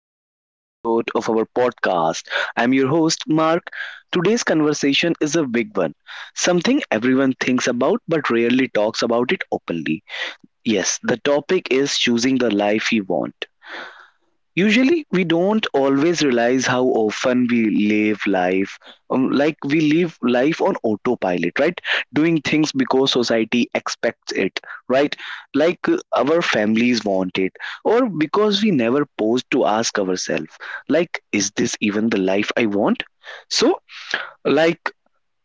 to another episode of our podcast. I'm your host, Mark. Today's conversation is a big one, something everyone thinks about but rarely talks about it openly. Yes, the topic is choosing the life you want. Usually, we don't always realize how often we live life. Like we live life on autopilot, right? Doing things because society expects it, right? Like our families want it, or because we never pause to ask ourselves, like, is this even the life I want? So, like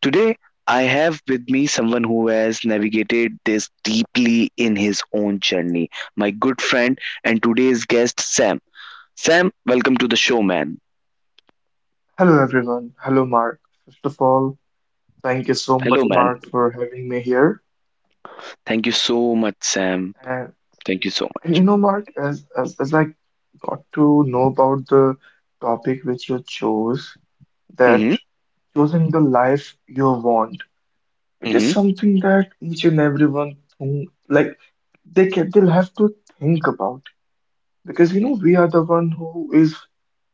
today, I have with me someone who has navigated this deeply in his own journey, my good friend and today's guest, Sam. Sam, welcome to the show, man. Hello everyone. Hello Mark. First of all, thank you so Hello, much, man. Mark, for having me here. Thank you so much, Sam. And, Thank you so and much. you know, Mark, as I got to know about the topic which you chose, that Mm-hmm. choosing the life you want, it is Mm-hmm. something that each and everyone who like they'll have to think about because you know Mm-hmm. we are the one who is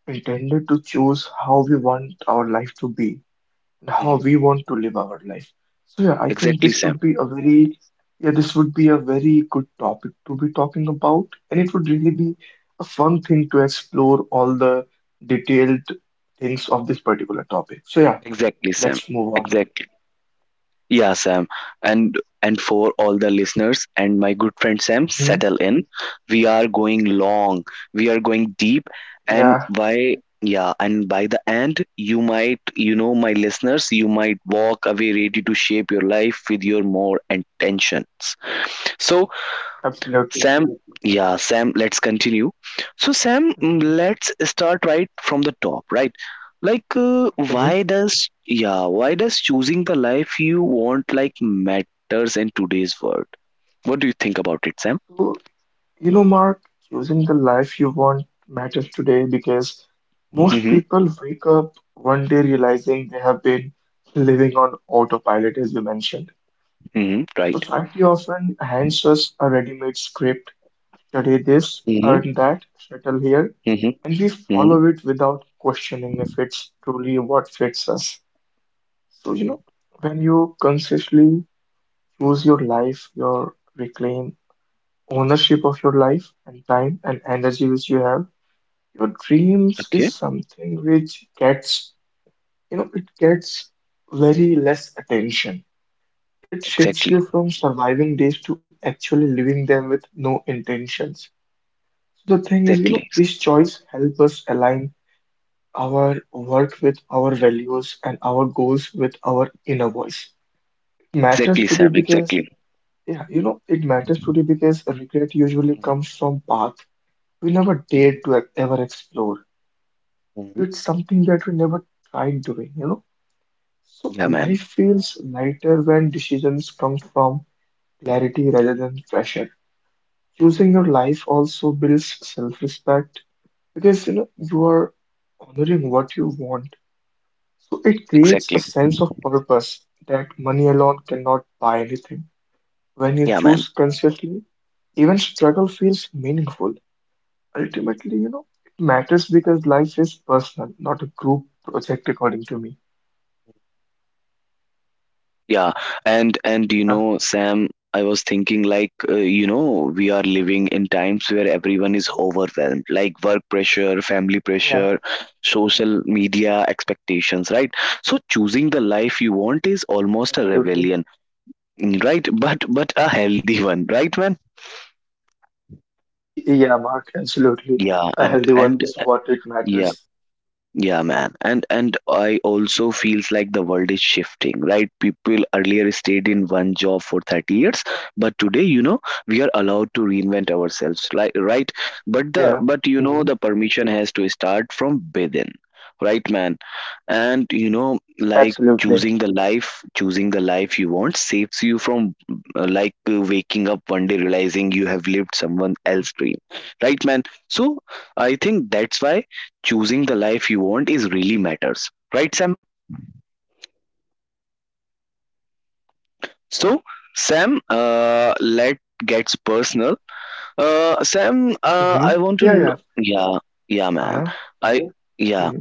intended to choose how we want our life to be. And how Hmm. we want to live our life. So, yeah, I think Exactly, Sam. This would be a very good topic to be talking about, and it would really be a fun thing to explore all the detailed things of this particular topic. So, yeah, Exactly, Sam. let's move on. Exactly. Yeah, Sam. And and for all the listeners and my good friend Sam, Mhm. settle in. We are going long. We are going deep. And Yeah, by yeah, and by the end, you might, my listeners, you might walk away ready to shape your life with your more intentions. So absolutely. Sam, yeah, Sam, let's continue. So, Sam, Mhm. let's start right from the top, right? Like, Okay. Why does choosing the life you want like matters in today's world? What do you think about it, Sam? So, you know, Mark, choosing the life you want matters today because most Mm-hmm, people wake up one day realizing they have been living on autopilot, as you mentioned. mm-hmm, right. Society often hands us a ready-made script, study this, Mm-hmm, earn that, settle here, mm-hmm, and we mm-hmm. follow it without questioning if it's truly what fits us. So, you Hmm. know, when you consciously choose your life, your reclaim ownership of your life and time and energy which you have, your dreams Okay, is something which gets very less attention. It shifts you exactly, from surviving days to actually living them with no intentions. So the thing is, you know, exactly, this choice help us align our work with our values and our goals with our inner voice. It matters exactly, today Sam, because, exactly. yeah, you know, it matters today because regret usually Hmm. comes from path we never dared Hmm. to ever explore. Hmm. It's something that we never tried doing. So Yeah, life man. feels lighter when decisions come from clarity rather than pressure. Choosing your life also builds self-respect because you know Hmm. you are honoring what you want. So it creates a Exactly. sense of purpose that money alone cannot buy anything. When you Yeah, man. choose consciously, even struggle feels meaningful. Ultimately, you know, it matters because life is personal, not a group project, according to me. Yeah, and you Yeah. know, Sam, I was thinking like, we are living in times where everyone is Mhm. overwhelmed, like work pressure, family Yeah, pressure, social media expectations, right? So choosing the life you want is almost a absolutely. rebellion, right, but a healthy one, right, man? Yeah, Mark, absolutely. Yeah. A and healthy one and is what it yeah. matters. Yeah, man. And I also feels like the world is shifting, right? People earlier stayed in one job for 30 years, but today, you know, we are allowed to reinvent ourselves, like right? But the Yeah. but you know, Hmm. the permission has to start from within, right, man? And you know, like Absolutely. Choosing the life you want saves you from like waking up one day realizing you have lived someone else's dream, right, man? So I think that's why choosing the life you want is really Yes, yes, my matters, friend. I'm right, Sam? totally getting the point. So, Sam, let gets personal. Sam, Mm-hmm. I want to Yeah, yeah. know. Yeah, yeah, man, Uh-huh. I, okay, yeah. Hmm.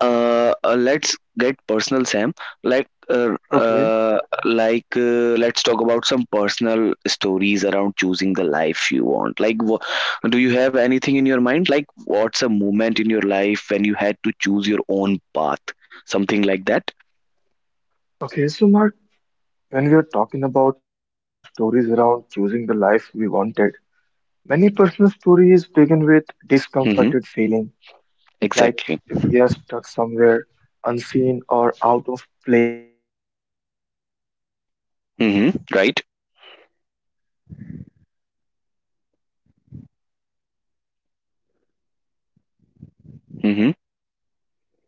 Let's get personal, Sam, like uh, Okay. uh like uh, let's talk about some personal stories around choosing the life you want, like do you Mhm. have anything in your mind, like what's a moment in your life when you had to choose your own path, something like that? Okay, so Mark, when we are talking about personal stories around choosing the life we wanted, many personal stories begin with Mm-hmm. discomforted feeling, like Exactly. if we are stuck somewhere unseen or out of place. So some people talk Mm-hmm. about Right. living secure, leaving secure job to chase uncertain passion. Others share how the disappointment, like how it is Mm-hmm. a disappointment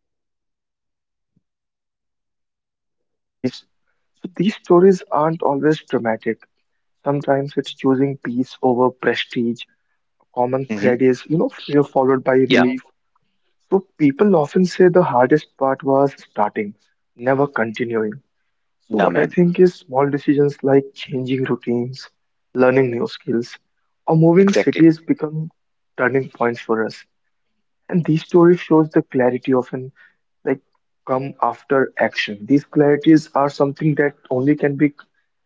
within the family expectations to their mental peace. So these stories aren't always dramatic. Sometimes it's choosing peace over prestige. A common Mm-hmm. thread is fear followed by Yeah. relief. So people often say the hardest part was starting, never continuing. So Yeah, what I man. think is small decisions like changing routines, learning new skills, or moving Exactly. cities become turning points for us. And these stories shows the clarity often like come after action. These clarities are something that only can be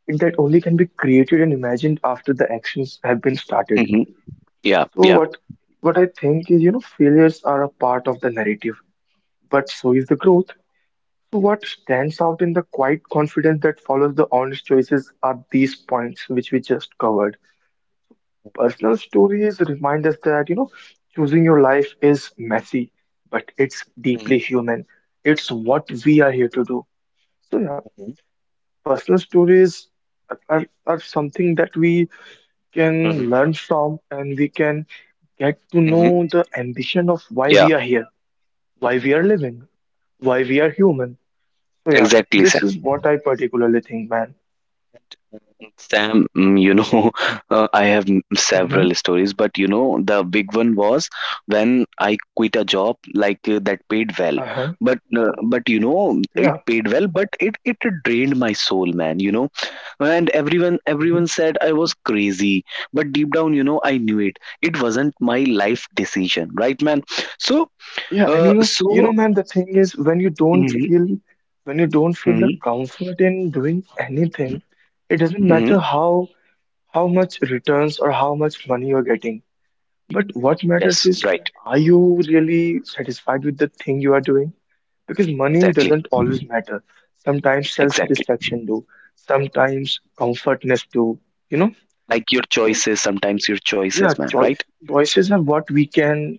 that only can be created and imagined after the actions have been started. Mm-hmm. Yeah. So Yeah. what I think is failures are a part of the narrative, but so is the growth. So what stands out in the quiet confidence that follows the honest choices are these points which we just covered. Personal stories remind us that choosing your life is messy, but it's Mm-hmm. deeply human. It's what we are here to do. So, yeah, Mm-hmm. personal stories are something that we Mm-hmm. can learn from and we can get to Mm-hmm. know the ambition of why Yeah. we are here, why we are living, why we are human. So, yeah, Exactly, this is what I particularly think, man. Sam, I have Mm-hmm. several stories, but you know, the big one was when I quit a job, like that paid well, Uh-huh. but it Yeah. paid well, but it drained my soul, man. You know, and everyone Mm-hmm. everyone said I was crazy, but deep down, I knew it. It wasn't my life decision, right, man? So, Yeah, and uh, so, man, the thing is when you don't hmm, feel when you don't feel the comfort in doing anything, it doesn't hmm, matter how much returns or how much money you're getting. But what matters yes, is right, are you really satisfied with the thing you are doing? Because money exactly, doesn't always matter. Sometimes exactly. self-satisfaction do, sometimes comfortness do, you know? Like your So, choices, sometimes your choices, yeah, man, choi right? choices are what we can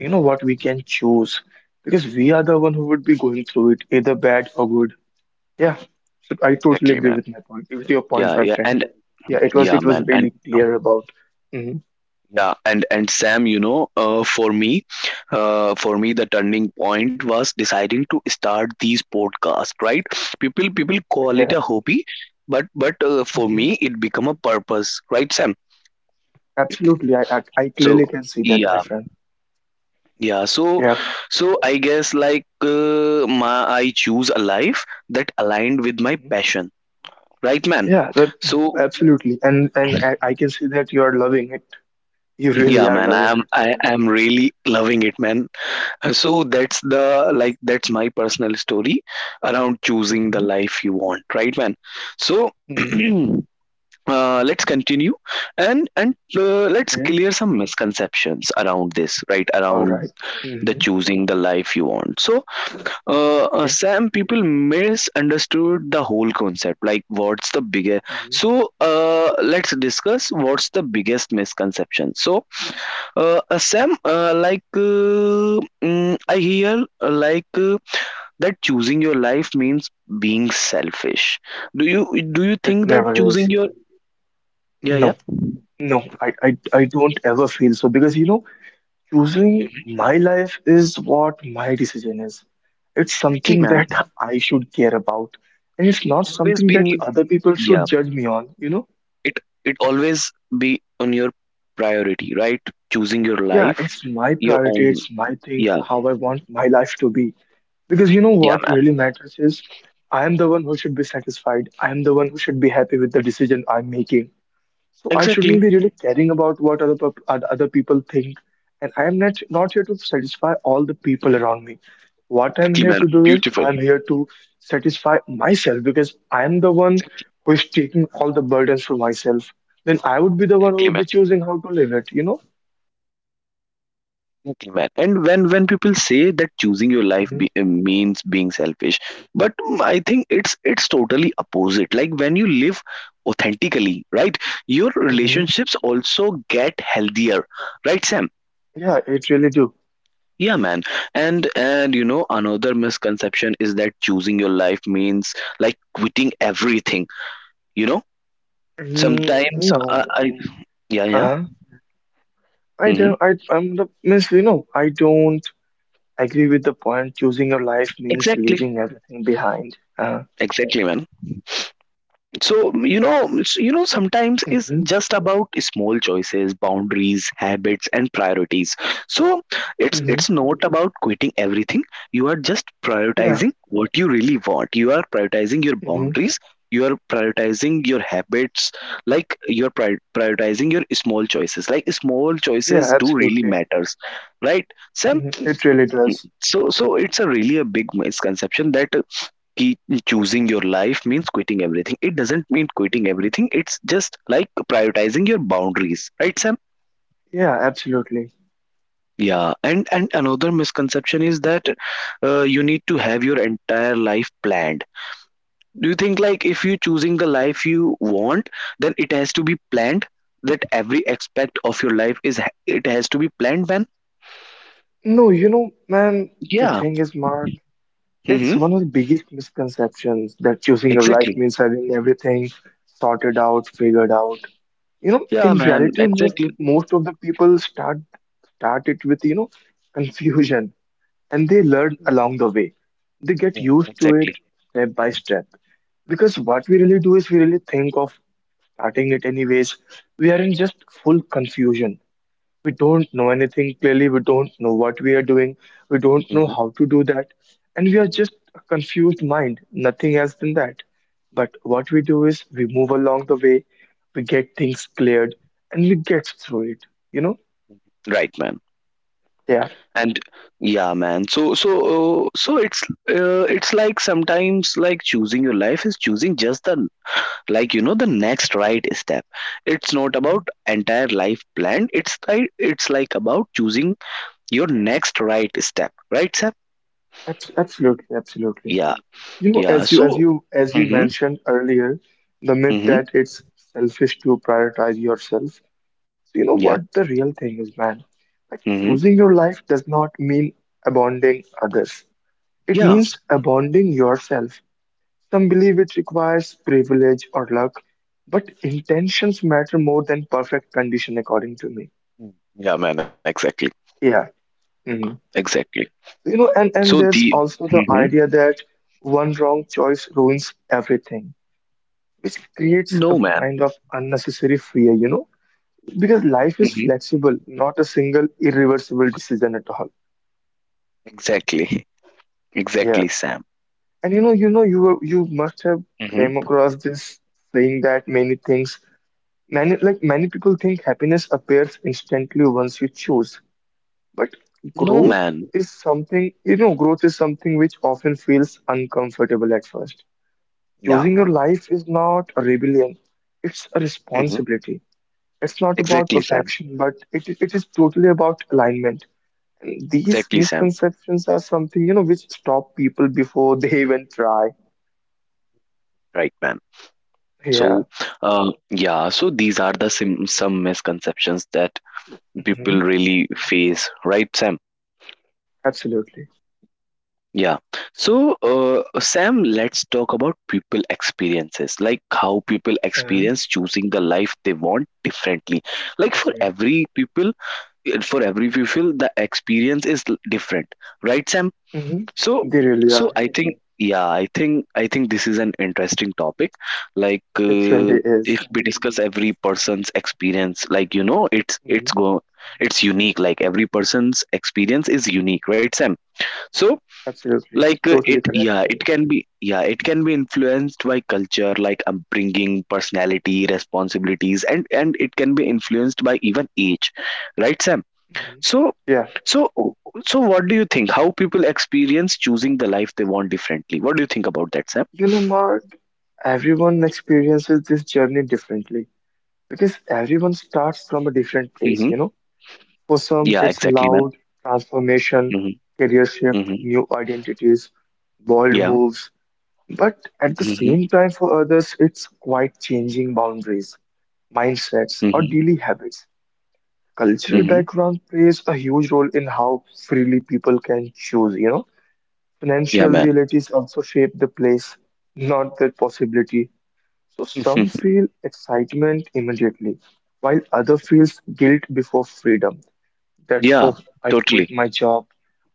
you know what we can choose because we are the one who would be going through it, either bad or good. Yeah, so I totally Exactly, agree man. With your yeah point, my yeah friend. and Yeah, it was yeah, it was man. And really clear about. Hmm. yeah. And Sam, you know, for me the turning point was deciding to start these podcasts, right? People call Yeah, it a hobby, but for hmm me it become a purpose, right, Sam? absolutely. I So, clearly can see that, my yeah, friend. yeah. so Yeah. so I guess like, my I choose a life that aligned with my Mhm. passion, right, man? Yeah, that So. absolutely, and I can see that you are loving it. You really Yeah, are man, I loving am it. I am really loving it, man. So that's the like that's my personal story around choosing the Hmm. life you want, right, man? So Hmm. uh, let's continue, and let's Okay. clear some misconceptions around this, right? All Around right. the Mm-hmm. choosing the life you want. So, Okay. Sam, people misunderstood the whole concept. Like, what's the biggest? Hmm. So, let's discuss what's the biggest misconception. So, Sam, I hear, that choosing your life means being selfish. Do you It think that never choosing is. your, yeah, yeah. No. No, I don't ever feel so because you know, choosing Mhm. my life is what my decision is. It's Exactly, something man. that I should care about, and it's not Always something been, that other people should yeah, judge me on, you know? it it always be on your priority, right? Choosing your Yeah, life, it's my your priority, own. it's my thing, Yeah, how I want my life to be. Because you know yeah, what man. really matters is I am the one who should be satisfied, I am the one who should be happy with the decision I'm making. So I shouldn't Exactly, be really caring about what other other people think, and I am not here to satisfy all the people around me. What I'm exactly, here man. to do is Beautiful. I'm here to satisfy myself because I'm the one Exactly, who is taking all the burdens for myself. Then I would be the one who exactly, would man. be choosing how to live it, you know? Exactly, man. And when people say that choosing your life, Hmm. Means being selfish, but I think it's totally opposite. Like when you live authentically, right, your Hmm. relationships also get healthier, right, Sam? Yeah, it really do. Yeah, man. And you know, another misconception is that choosing your life means like quitting everything. You know, Mm, sometimes no, I yeah, yeah. uh, I Hmm. don't. I'm the means you know I don't agree with the point. Choosing your life means Exactly, leaving everything behind. exactly, man. So, you know, sometimes Uh, it's just about small choices, boundaries, habits and priorities, so it's hmm. it's not about quitting everything. You are just Yeah. prioritizing what you really want, you are prioritizing your Hmm. boundaries, you are prioritizing your habits, like you're prioritizing your small choices, like small Yeah, choices do really absolutely. matters, right, Sam? Hmm. It really does. So it's a really a big misconception that, key choosing your life means quitting everything. It doesn't mean quitting everything. It's just like prioritizing your boundaries, right, Sam? Yeah, absolutely. Yeah, and another misconception is that, you need to have your entire life planned. Do you think like if you choosing the life you want, then it has to be planned? That every aspect of your life, is it has to be planned, man. No, you know, man. The Yeah. thing is, Mark, it's Mm-hmm. one of the biggest misconceptions that choosing your life Exactly. means having everything sorted out, figured out. You know, Yeah, in man. reality, most Exactly. most of the people start it with confusion, and they learn along the way. They get Yeah. used to it Exactly. step by step. Because what we really do is we really think of starting it anyways, we are in just full confusion. We Hmm. don't know anything clearly, we don't know what we are doing, we don't know how to do that, and we are Hmm. just a confused mind, nothing else than that. But what we do is we move along the way, we get things cleared, and we get through it, you know? Right, man. Yeah. And yeah, man. So, it's like sometimes, like choosing your life is choosing just the, like you know, the next right step. It's not Mhm. about entire life plan. It's like about choosing your next right step, right step. Absolutely, absolutely. Yeah. You know, Yeah. as you as So. you as you Mm-hmm. mentioned earlier, the myth Mm-hmm. that it's selfish to prioritize yourself. So you know Yeah. what the real thing is, man? Like Mm-hmm. choosing your life does not mean abandoning others. It Yeah, means abandoning yourself. Some believe it requires privilege or luck, but intentions matter more than perfect condition, according to me. yeah, man. Exactly, Yeah. Hmm. exactly. You know, and So and the. there's also the Hmm. idea that one wrong choice ruins everything, which creates No, a man. kind of unnecessary fear, because life is Hmm. flexible, not a single irreversible decision at all. Exactly. Yeah. Exactly, Sam. And you must have Hmm. came across this saying that many things, many like many people think happiness appears instantly once you choose. But No, growth man. Growth is something which often feels uncomfortable at first. Yeah. Choosing your life is not a rebellion, it's a Hmm. responsibility. It's not about Exactly, Sam. perfection, but it is totally about alignment. And these Exactly, Sam. misconceptions are something which stop people before they even try. Right, man. Yeah. So, yeah, so these are the sim some misconceptions that people Mm-hmm. really face, right, Sam? Absolutely. Yeah. So, Sam, let's talk about people experiences, like how people Uh, experience choosing the life they want differently. Like okay. For every people, the experience is different, right, Sam? So. Mm-hmm. Mhm. They really So, are. I think, yeah, I think this is an interesting topic, like, It really is. if, yeah, we discuss every person's experience, like you know, Mm-hmm. It's unique, like every person's experience is unique, right, Sam? So, Absolutely. like, Totally it, yeah, correct. it can be, yeah, it can be influenced by culture, like upbringing, personality, responsibilities, and it can be influenced by even age, right, Sam? Mm-hmm. So. Yeah. So so what do you think? How people experience choosing the life they want differently? What do you think about that, Sam? You know, Mark, everyone experiences this journey differently because everyone starts from a different Hmm. place. For Yeah, some, it's exactly, man. loud transformation, Hmm. career shift, Hmm. new identities, bold Yeah. moves. But at the Hmm. same time, for others, it's quite changing boundaries, mindsets, or Hmm. daily habits. Cultural Hmm. background plays a huge role in how freely people can choose. Yeah, Financial man. realities also shape the place, not the possibility. So some Mhm. feel excitement immediately, while other feels guilt before freedom. That, Yeah, oh, I quit totally. my job.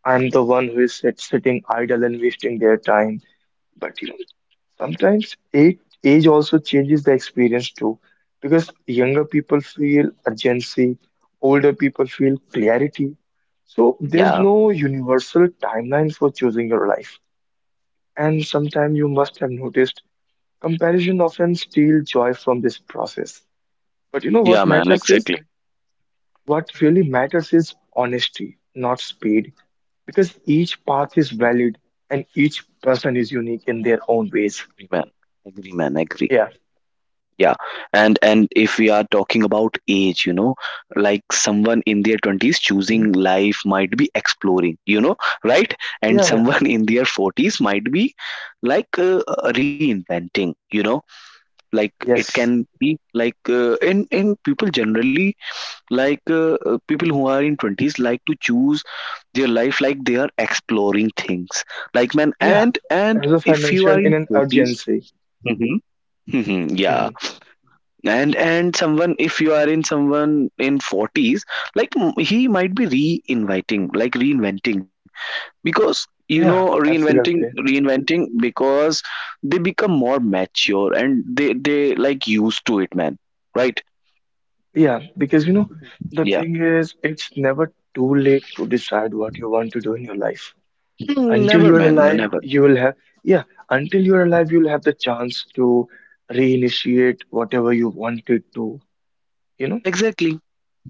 I'm the one who is sitting idle and wasting their time. But you know, sometimes age also changes the experience too, because younger Mhm. people feel urgency, older people feel clarity. So there's Yeah. no universal timeline for choosing your life. And sometimes you must have noticed comparison often steals joy from this process. But you know what Yeah, man. matters is Exactly. what really matters is honesty, not speed, because each path is Agree, valid and each person is unique in their own ways. agree, man. Agree, man. Agree. Yeah. Yeah. And if we are talking about age, you know, like someone in their 20s Mhm. choosing life might be exploring, you know, right? And Yeah, yeah. someone in their 40s might be, like reinventing, you know, like it Yes. can be, like in people generally, like people who are in 20s like to choose their life, like they are exploring things, like, man. Yeah. And As if I if you are mentioned, in in an 40s. urgency. Mhm. Mhm. Yeah. Hmm, And someone, if you are in, someone in 40s, like, he might be reinviting, like reinventing, because you know, yeah, reinventing absolutely. reinventing because they become more mature and they like used to it, man, right? Yeah, because you know, the Yeah. thing is, it's never too late to decide what you want to do in your life. Hmm, Until never, you're man, alive, never. you will have, yeah, until you're alive, you'll have the chance to reinitiate whatever you wanted to, you know? Exactly,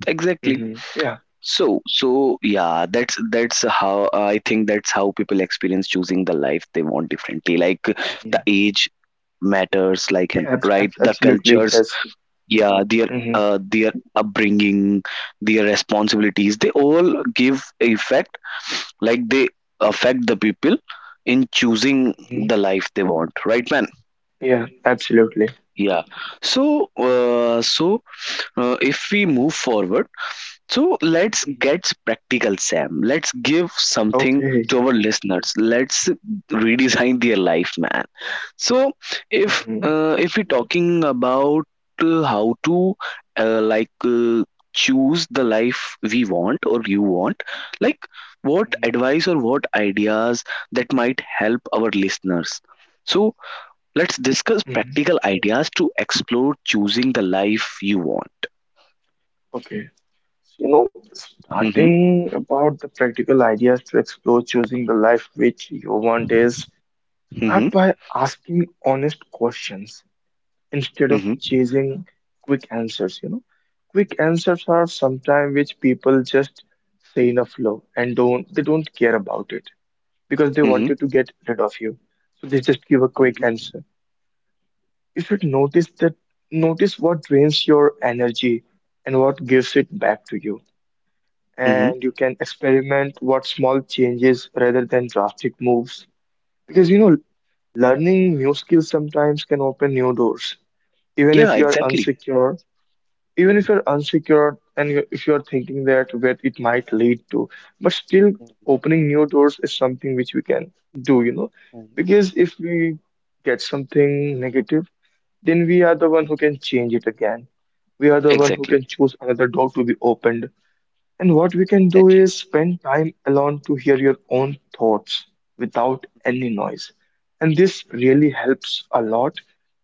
exactly. Hmm, yeah. So, yeah, that's how people experience choosing the life they want differently, like Hmm, the age matters, like, and yeah, right, abs the abs- absolutely, cultures, it does. yeah, their, Hmm. Their upbringing, their responsibilities, they all give effect, like they affect the people in choosing Hmm, the life they want, right, man? yeah, absolutely. Yeah. So, if we move forward, so let's Hmm. get practical, Sam. Let's give something Okay. to our listeners. Let's redesign their life, man. So, if, Hmm. If we're talking about, how to, like choose the life we want or you want, like, what Hmm. advice or what ideas that might help our listeners. So, let's discuss Hmm. practical ideas to explore choosing the life you want. Okay. So, you know, Hmm. starting about the practical ideas to explore choosing the life which you want is Hmm. start by asking honest questions instead of Hmm. chasing quick answers, you know. Quick answers are sometimes which people just say in a flow and don't they don't care about it because they Hmm. wanted to get rid of you. So they just give a quick Mhm. answer. You should notice that, notice what drains your energy and what gives it back to you, Mhm. and you can experiment what small changes rather than drastic moves. Because you Mhm. know, learning new skills sometimes can open new doors, even if Yeah, you are exactly. unsecure, even if you're unsecured and you if you're thinking that where it might lead to, but still Mhm. opening new doors is something which we can do, you know, Mhm. because if we get something negative, then we are the one who Mhm. can change it again. We are the one who Exactly. can choose another door to be opened, and what we can do Exactly. is spend time alone to hear your own thoughts without any noise. And this really helps a lot.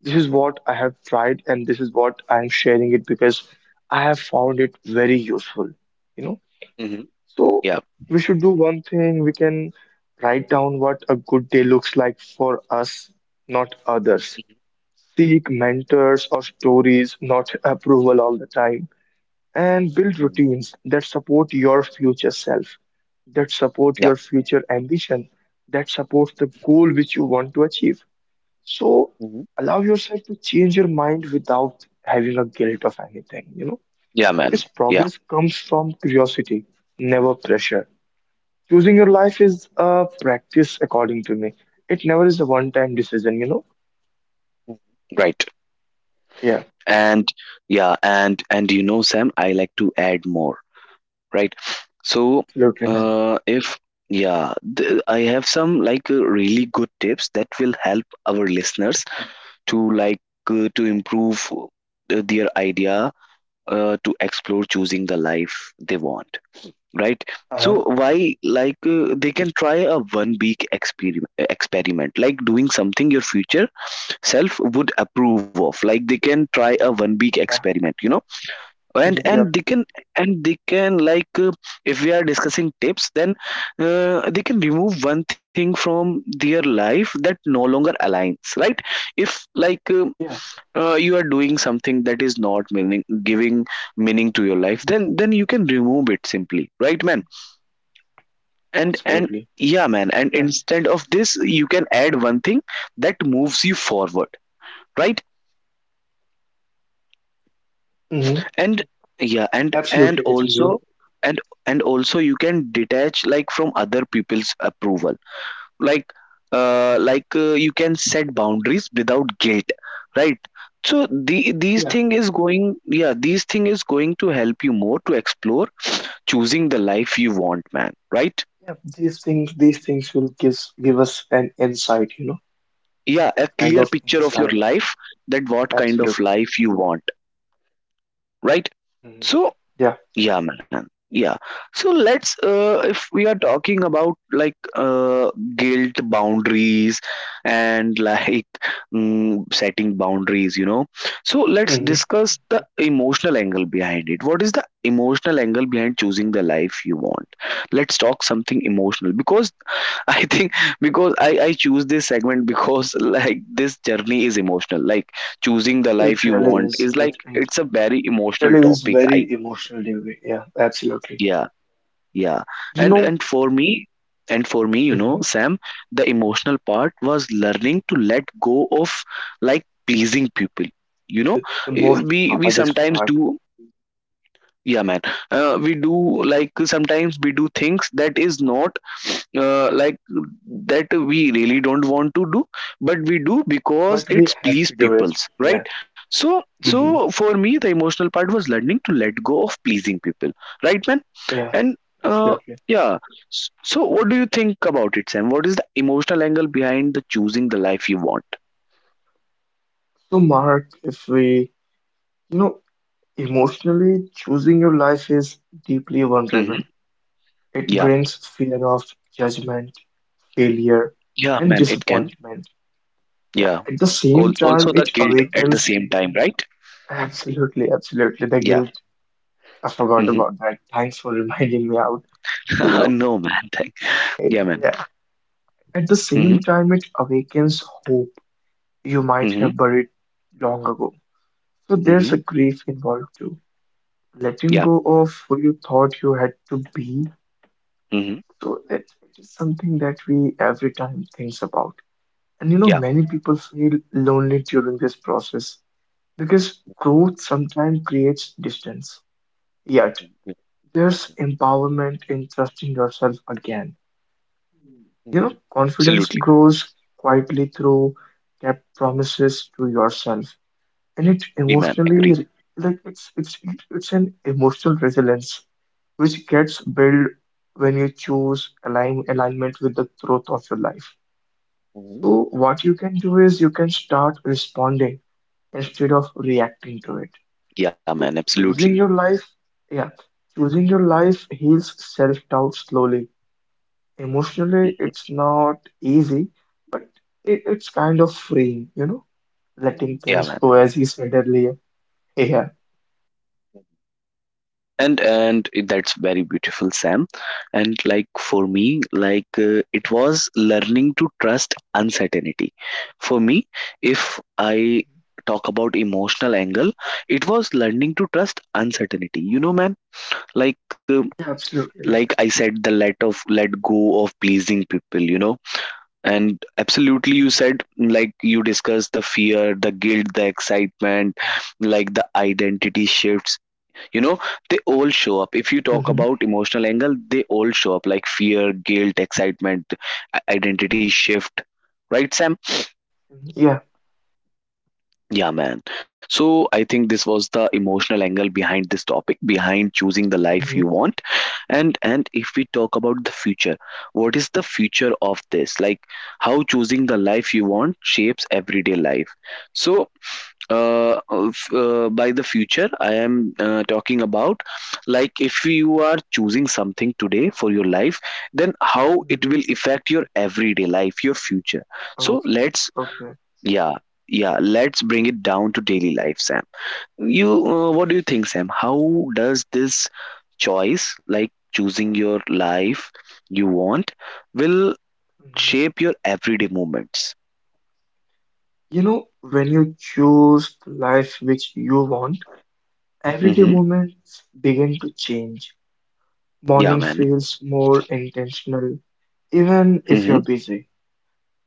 This is what I have tried, and this is what I'm sharing it because I have found it very useful, you know. Hmm. So Yeah. we should do one thing. We can write down what a good day looks like for us, not others. Mhm. Seek mentors or stories, not approval all the time, and build Mhm. routines that support your future self, that support Yeah. your future ambition, that support the goal which you want to achieve. So Mhm. allow yourself to change your mind without having a guilt of anything, you know, Yeah, because man. Yeah, progress comes from curiosity, never pressure. Choosing your life is a practice, according to me. It never is a one time decision, you know? right. Yeah, And yeah, and Sam, I like to add more, right? So, absolutely, man. If yeah, th I have some really good tips that will help our listeners to like to improve their idea, to explore choosing the life they want. Right, Uh so huh. why they can try a one week experiment, like doing something your future self would approve of. Like, they can try a one Hmm, week yeah. experiment. and Hmm, and yeah. they can, and they can like uh, if we are discussing tips, then they can remove one thing from their life that no longer aligns, right? If Yeah. You are doing something that is not meaning giving meaning to your life, then you can remove it simply, right, man? Absolutely. And Yeah. yeah, man, and instead of this you can add one thing that moves you forward, right? Mhm. And yeah, and Absolutely and getting you. also, and and also, you can detach, like, from other people's approval, like you can set boundaries without guilt, right? So the these Yeah, thing is going yeah, these thing is going to help you more to explore choosing the life you want, man, right? yeah. These things will give give us an insight, you know, Yeah, a a kind clear of picture of your insight. life, that what kind of Absolutely. life you want, right? Hmm, So yeah. yeah, man. Yeah. So let's, if we are talking about guilt boundaries and setting boundaries. So let's Hmm. discuss the emotional angle behind it. What is the emotional angle behind choosing the life you want? Let's talk something emotional, because I think because I choose this segment because like this journey is emotional. Like, choosing the It life you really want is. is It like it it's a very emotional really is topic. I very emotional, Devi. Yeah, absolutely. yeah, yeah, and You and know, for me, mhm, Sam, the emotional part was learning to let go of, like, pleasing people. The most We hardest sometimes part, do. Yeah, man. We do, like, sometimes we do things that is not, uh, like that we really don't want to do, but we do because but we it's have please to do it. people's, Yeah. right? so Hmm, so for me, the emotional part was learning to let go of pleasing people, right, man. yeah, And uh, absolutely. yeah, so what do you think about it, Sam? What is the emotional angle behind the choosing the life you want? So, Mark, if we, you know, emotionally choosing your life is deeply vulnerable. Hmm. It Yeah, brings fear of judgment, failure, yeah, and man, it can. disappointment. Yeah, Yeah, at the same time, also it the guilt at the awakens same time, right? absolutely, absolutely the Yeah. guilt. I forgot Hmm. about that. Thanks for reminding me out. So, you know, No, man. Thank. eh, Yeah, man. yeah, at the same Hmm. time, it awakens hope you might Hmm. have buried long ago. So, there's Hmm. a grief involved too. Letting Yeah. go of who you thought you had to be. Hmm. So, that it is something that we every time thinks about. And you know, Yeah. many people feel lonely during this process, because growth sometimes creates distance. Yet, Hmm. Yeah. there's empowerment in trusting yourself again. You know, Hmm. confidence Absolutely. grows quietly through kept promises to yourself, and it Agree, man. Agree. emotionally like it's it's an emotional resilience which gets built when you choose alignment with the truth of your life. Hmm. So, what you can do is you can start responding instead of reacting to it. Yeah, So man. choosing Absolutely. your life, yeah, choosing your life heals self-doubt slowly. Emotionally, Hmm. it's not easy. It's kind of freeing, you know, letting Yeah, things man. go, as you said earlier. Yeah, And that's very beautiful, Sam. And, like, for me, it was learning to trust uncertainty. For me, if I talk about emotional angle, it was learning to trust uncertainty, you know, man. like uh, yeah, absolutely. like I said, the let of let go of pleasing people, you know. And absolutely, you said, like, you discussed the fear, the guilt, the excitement, like, the identity shifts, you know. They all show up. If you talk Mm-hmm. about emotional angle, they all show up, like, fear, guilt, excitement, identity shift, right, Sam? Yeah. Yeah, man. So I think this was the emotional angle behind this topic, behind choosing the life Mm-hmm. you want. And if we talk about the future, what is the future of this? Like, how choosing the life you want shapes everyday life. So uh, by the future I am talking about, like, if you are choosing something today for your life, then how it Mm-hmm. will affect your everyday life, your future. So Okay. let's Okay. yeah, yeah. Let's bring it down to daily life, Sam. Mm-hmm. What do you think, Sam? How does this choice, like choosing your life you want, will shape your everyday movements? You know, when you choose the life which you want, everyday Mm-hmm. moments begin to change. Yeah, Morning man. feels more intentional, even if you're Mm-hmm. busy.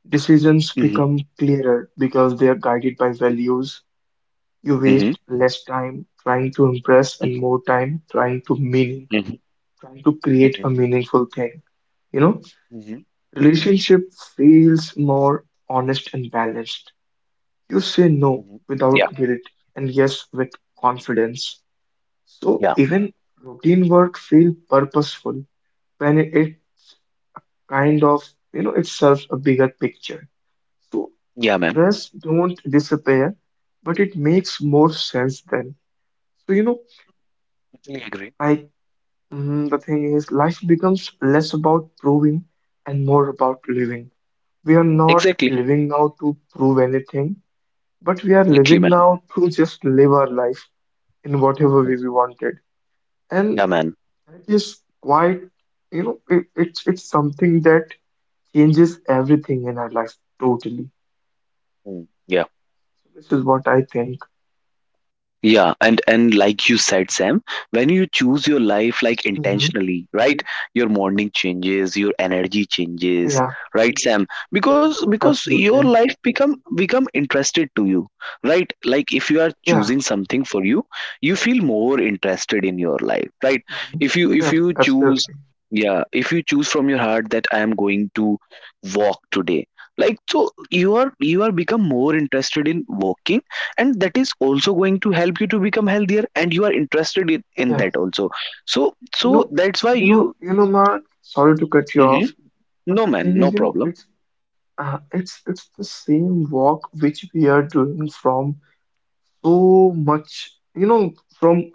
Decisions Mm-hmm. become clearer because they are guided by values. You Mm-hmm. waste less time trying to impress and more time trying to meaning, trying to create a Mm-hmm. meaningful thing. You know, Mm-hmm. Mm-hmm. relationship feels more honest and balanced. You say Mm-hmm. no Yeah, without guilt and yes with confidence. yeah, So even routine work feels purposeful when it kind of, you know, it serves a bigger picture. So yeah, man. stress don't disappear but it makes more sense then, so you know, Totally agree. like, mm, the thing is life becomes less about proving and more about living. We are not Exactly, living now to prove anything, but we are exactly, living man. now to just live our life in whatever Yeah, way we wanted, and yeah, man. that is quite, you know, it's it's something that changes everything in our life totally. Mm. Yeah. This is what I think. Yeah, and like you said, Sam, when you choose your life, like, Hmm, intentionally, right? Your morning changes, your energy changes, yeah, right? Yeah, Sam? Because your absolutely. life become interested to you, right? Like, if you are Yeah. choosing something for you, you feel more interested in your life, right? Hmm, If you if yeah, you choose, absolutely. yeah, if you choose from your heart that I am going to walk today, like, so you are become more interested in walking, and that is also going to help you to become healthier, and you are interested in Yeah. that also. so You so know, that's why you know, you you know, Mark, sorry to cut you mhm, off, but no, the man, thing no is, you know, problem. It's the same walk which we are doing from so much, you know, from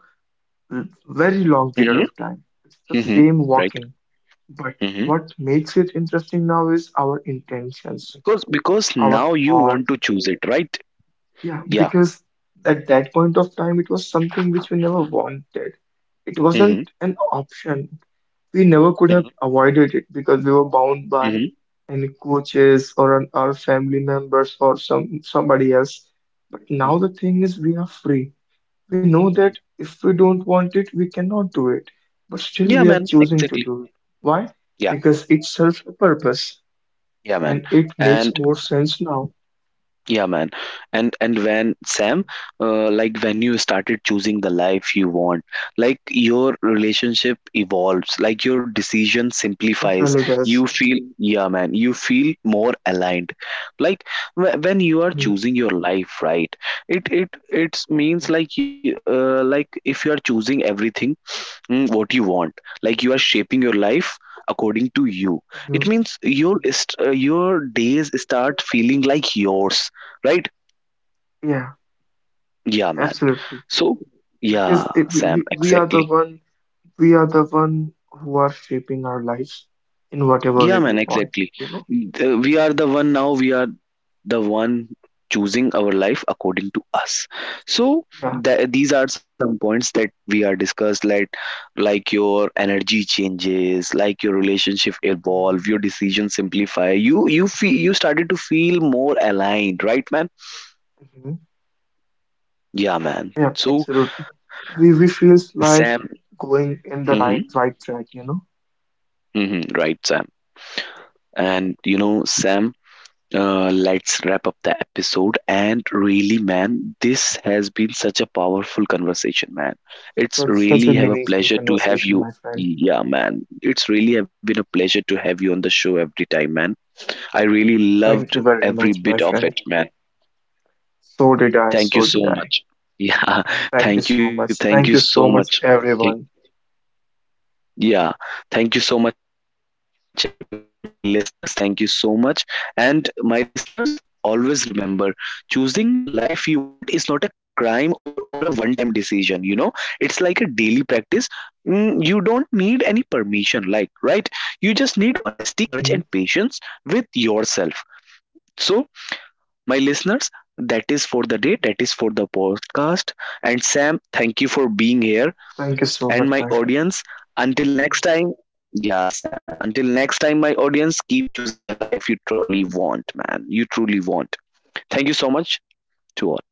very long period of time. It's the Hmm. Hmm. same Right. walking, but Hmm. what makes it interesting now is our intentions, Because our now you thought. want to choose it, right? Yeah, Yeah. because at that point of time, it was something which we never wanted. It wasn't Hmm. an option. We never could Hmm. have avoided it because we were bound by Hmm. any coaches or our family members or somebody else. But now Hmm. the thing is, we are free. We know that if we don't want it, we cannot do it. But still, we Yeah, are man, choosing to exactly. do it. Why? Yeah, Because it serves a purpose yeah, and man. it makes And more sense now. yeah, man. And like when you started choosing the life you want, like your relationship evolves, like your decision It really simplifies. does. You feel, yeah, man, you feel more aligned. Like, when you are Mhm, choosing your life, right? It's mhm, means like like if you are choosing everything, what you want, like you are shaping your life according to you, it mhm. means your your days start feeling like yours, right? Yeah. Yeah, man. Absolutely, So yeah, because it, Sam, we are the exactly. one, we are the one who are shaping our lives in whatever Yeah, way we man, want, exactly. you know? We are the one now, we are the one choosing our life according to us. So, Yeah. These are some points that we are discussed, like your energy changes, like your relationship Mhm. evolve, your decisions simplify. You feel you started to feel more aligned, right, man? Mhm. Yeah, man. Yeah, So, absolutely. We feels like Sam, going in the right track, you know? hmm, right, Sam. Yeah. And, you know, Sam, let's wrap up the episode. And really, man, this has been such a powerful conversation, man. It's That's such a really have a meaningful pleasure to have conversation, my you. friend. Yeah, man. It's really have been a pleasure to have you on the show every time, man. I really Thank loved you very every much, my bit of friend. it, man. So Thank did you I. so much. Yeah, Thank you so much. Thank thank you you so so much, much. everyone. Yeah, thank you so much, everyone. My listeners, thank you so much. And my listeners, always remember, choosing the life you want is not a crime, or a one time decision. You know, it's like a daily practice. You don't need any permission, like, right? You just need honesty, Mhm. courage, and patience with yourself. So, my listeners, that is for the day, that is for the podcast. And Sam, thank you for being here Thank you so and much, my my friend. audience. Until next time, yeah, Sam. Until next time, my audience, keep choosing the life you truly want, man. You truly want. Thank you so much to all.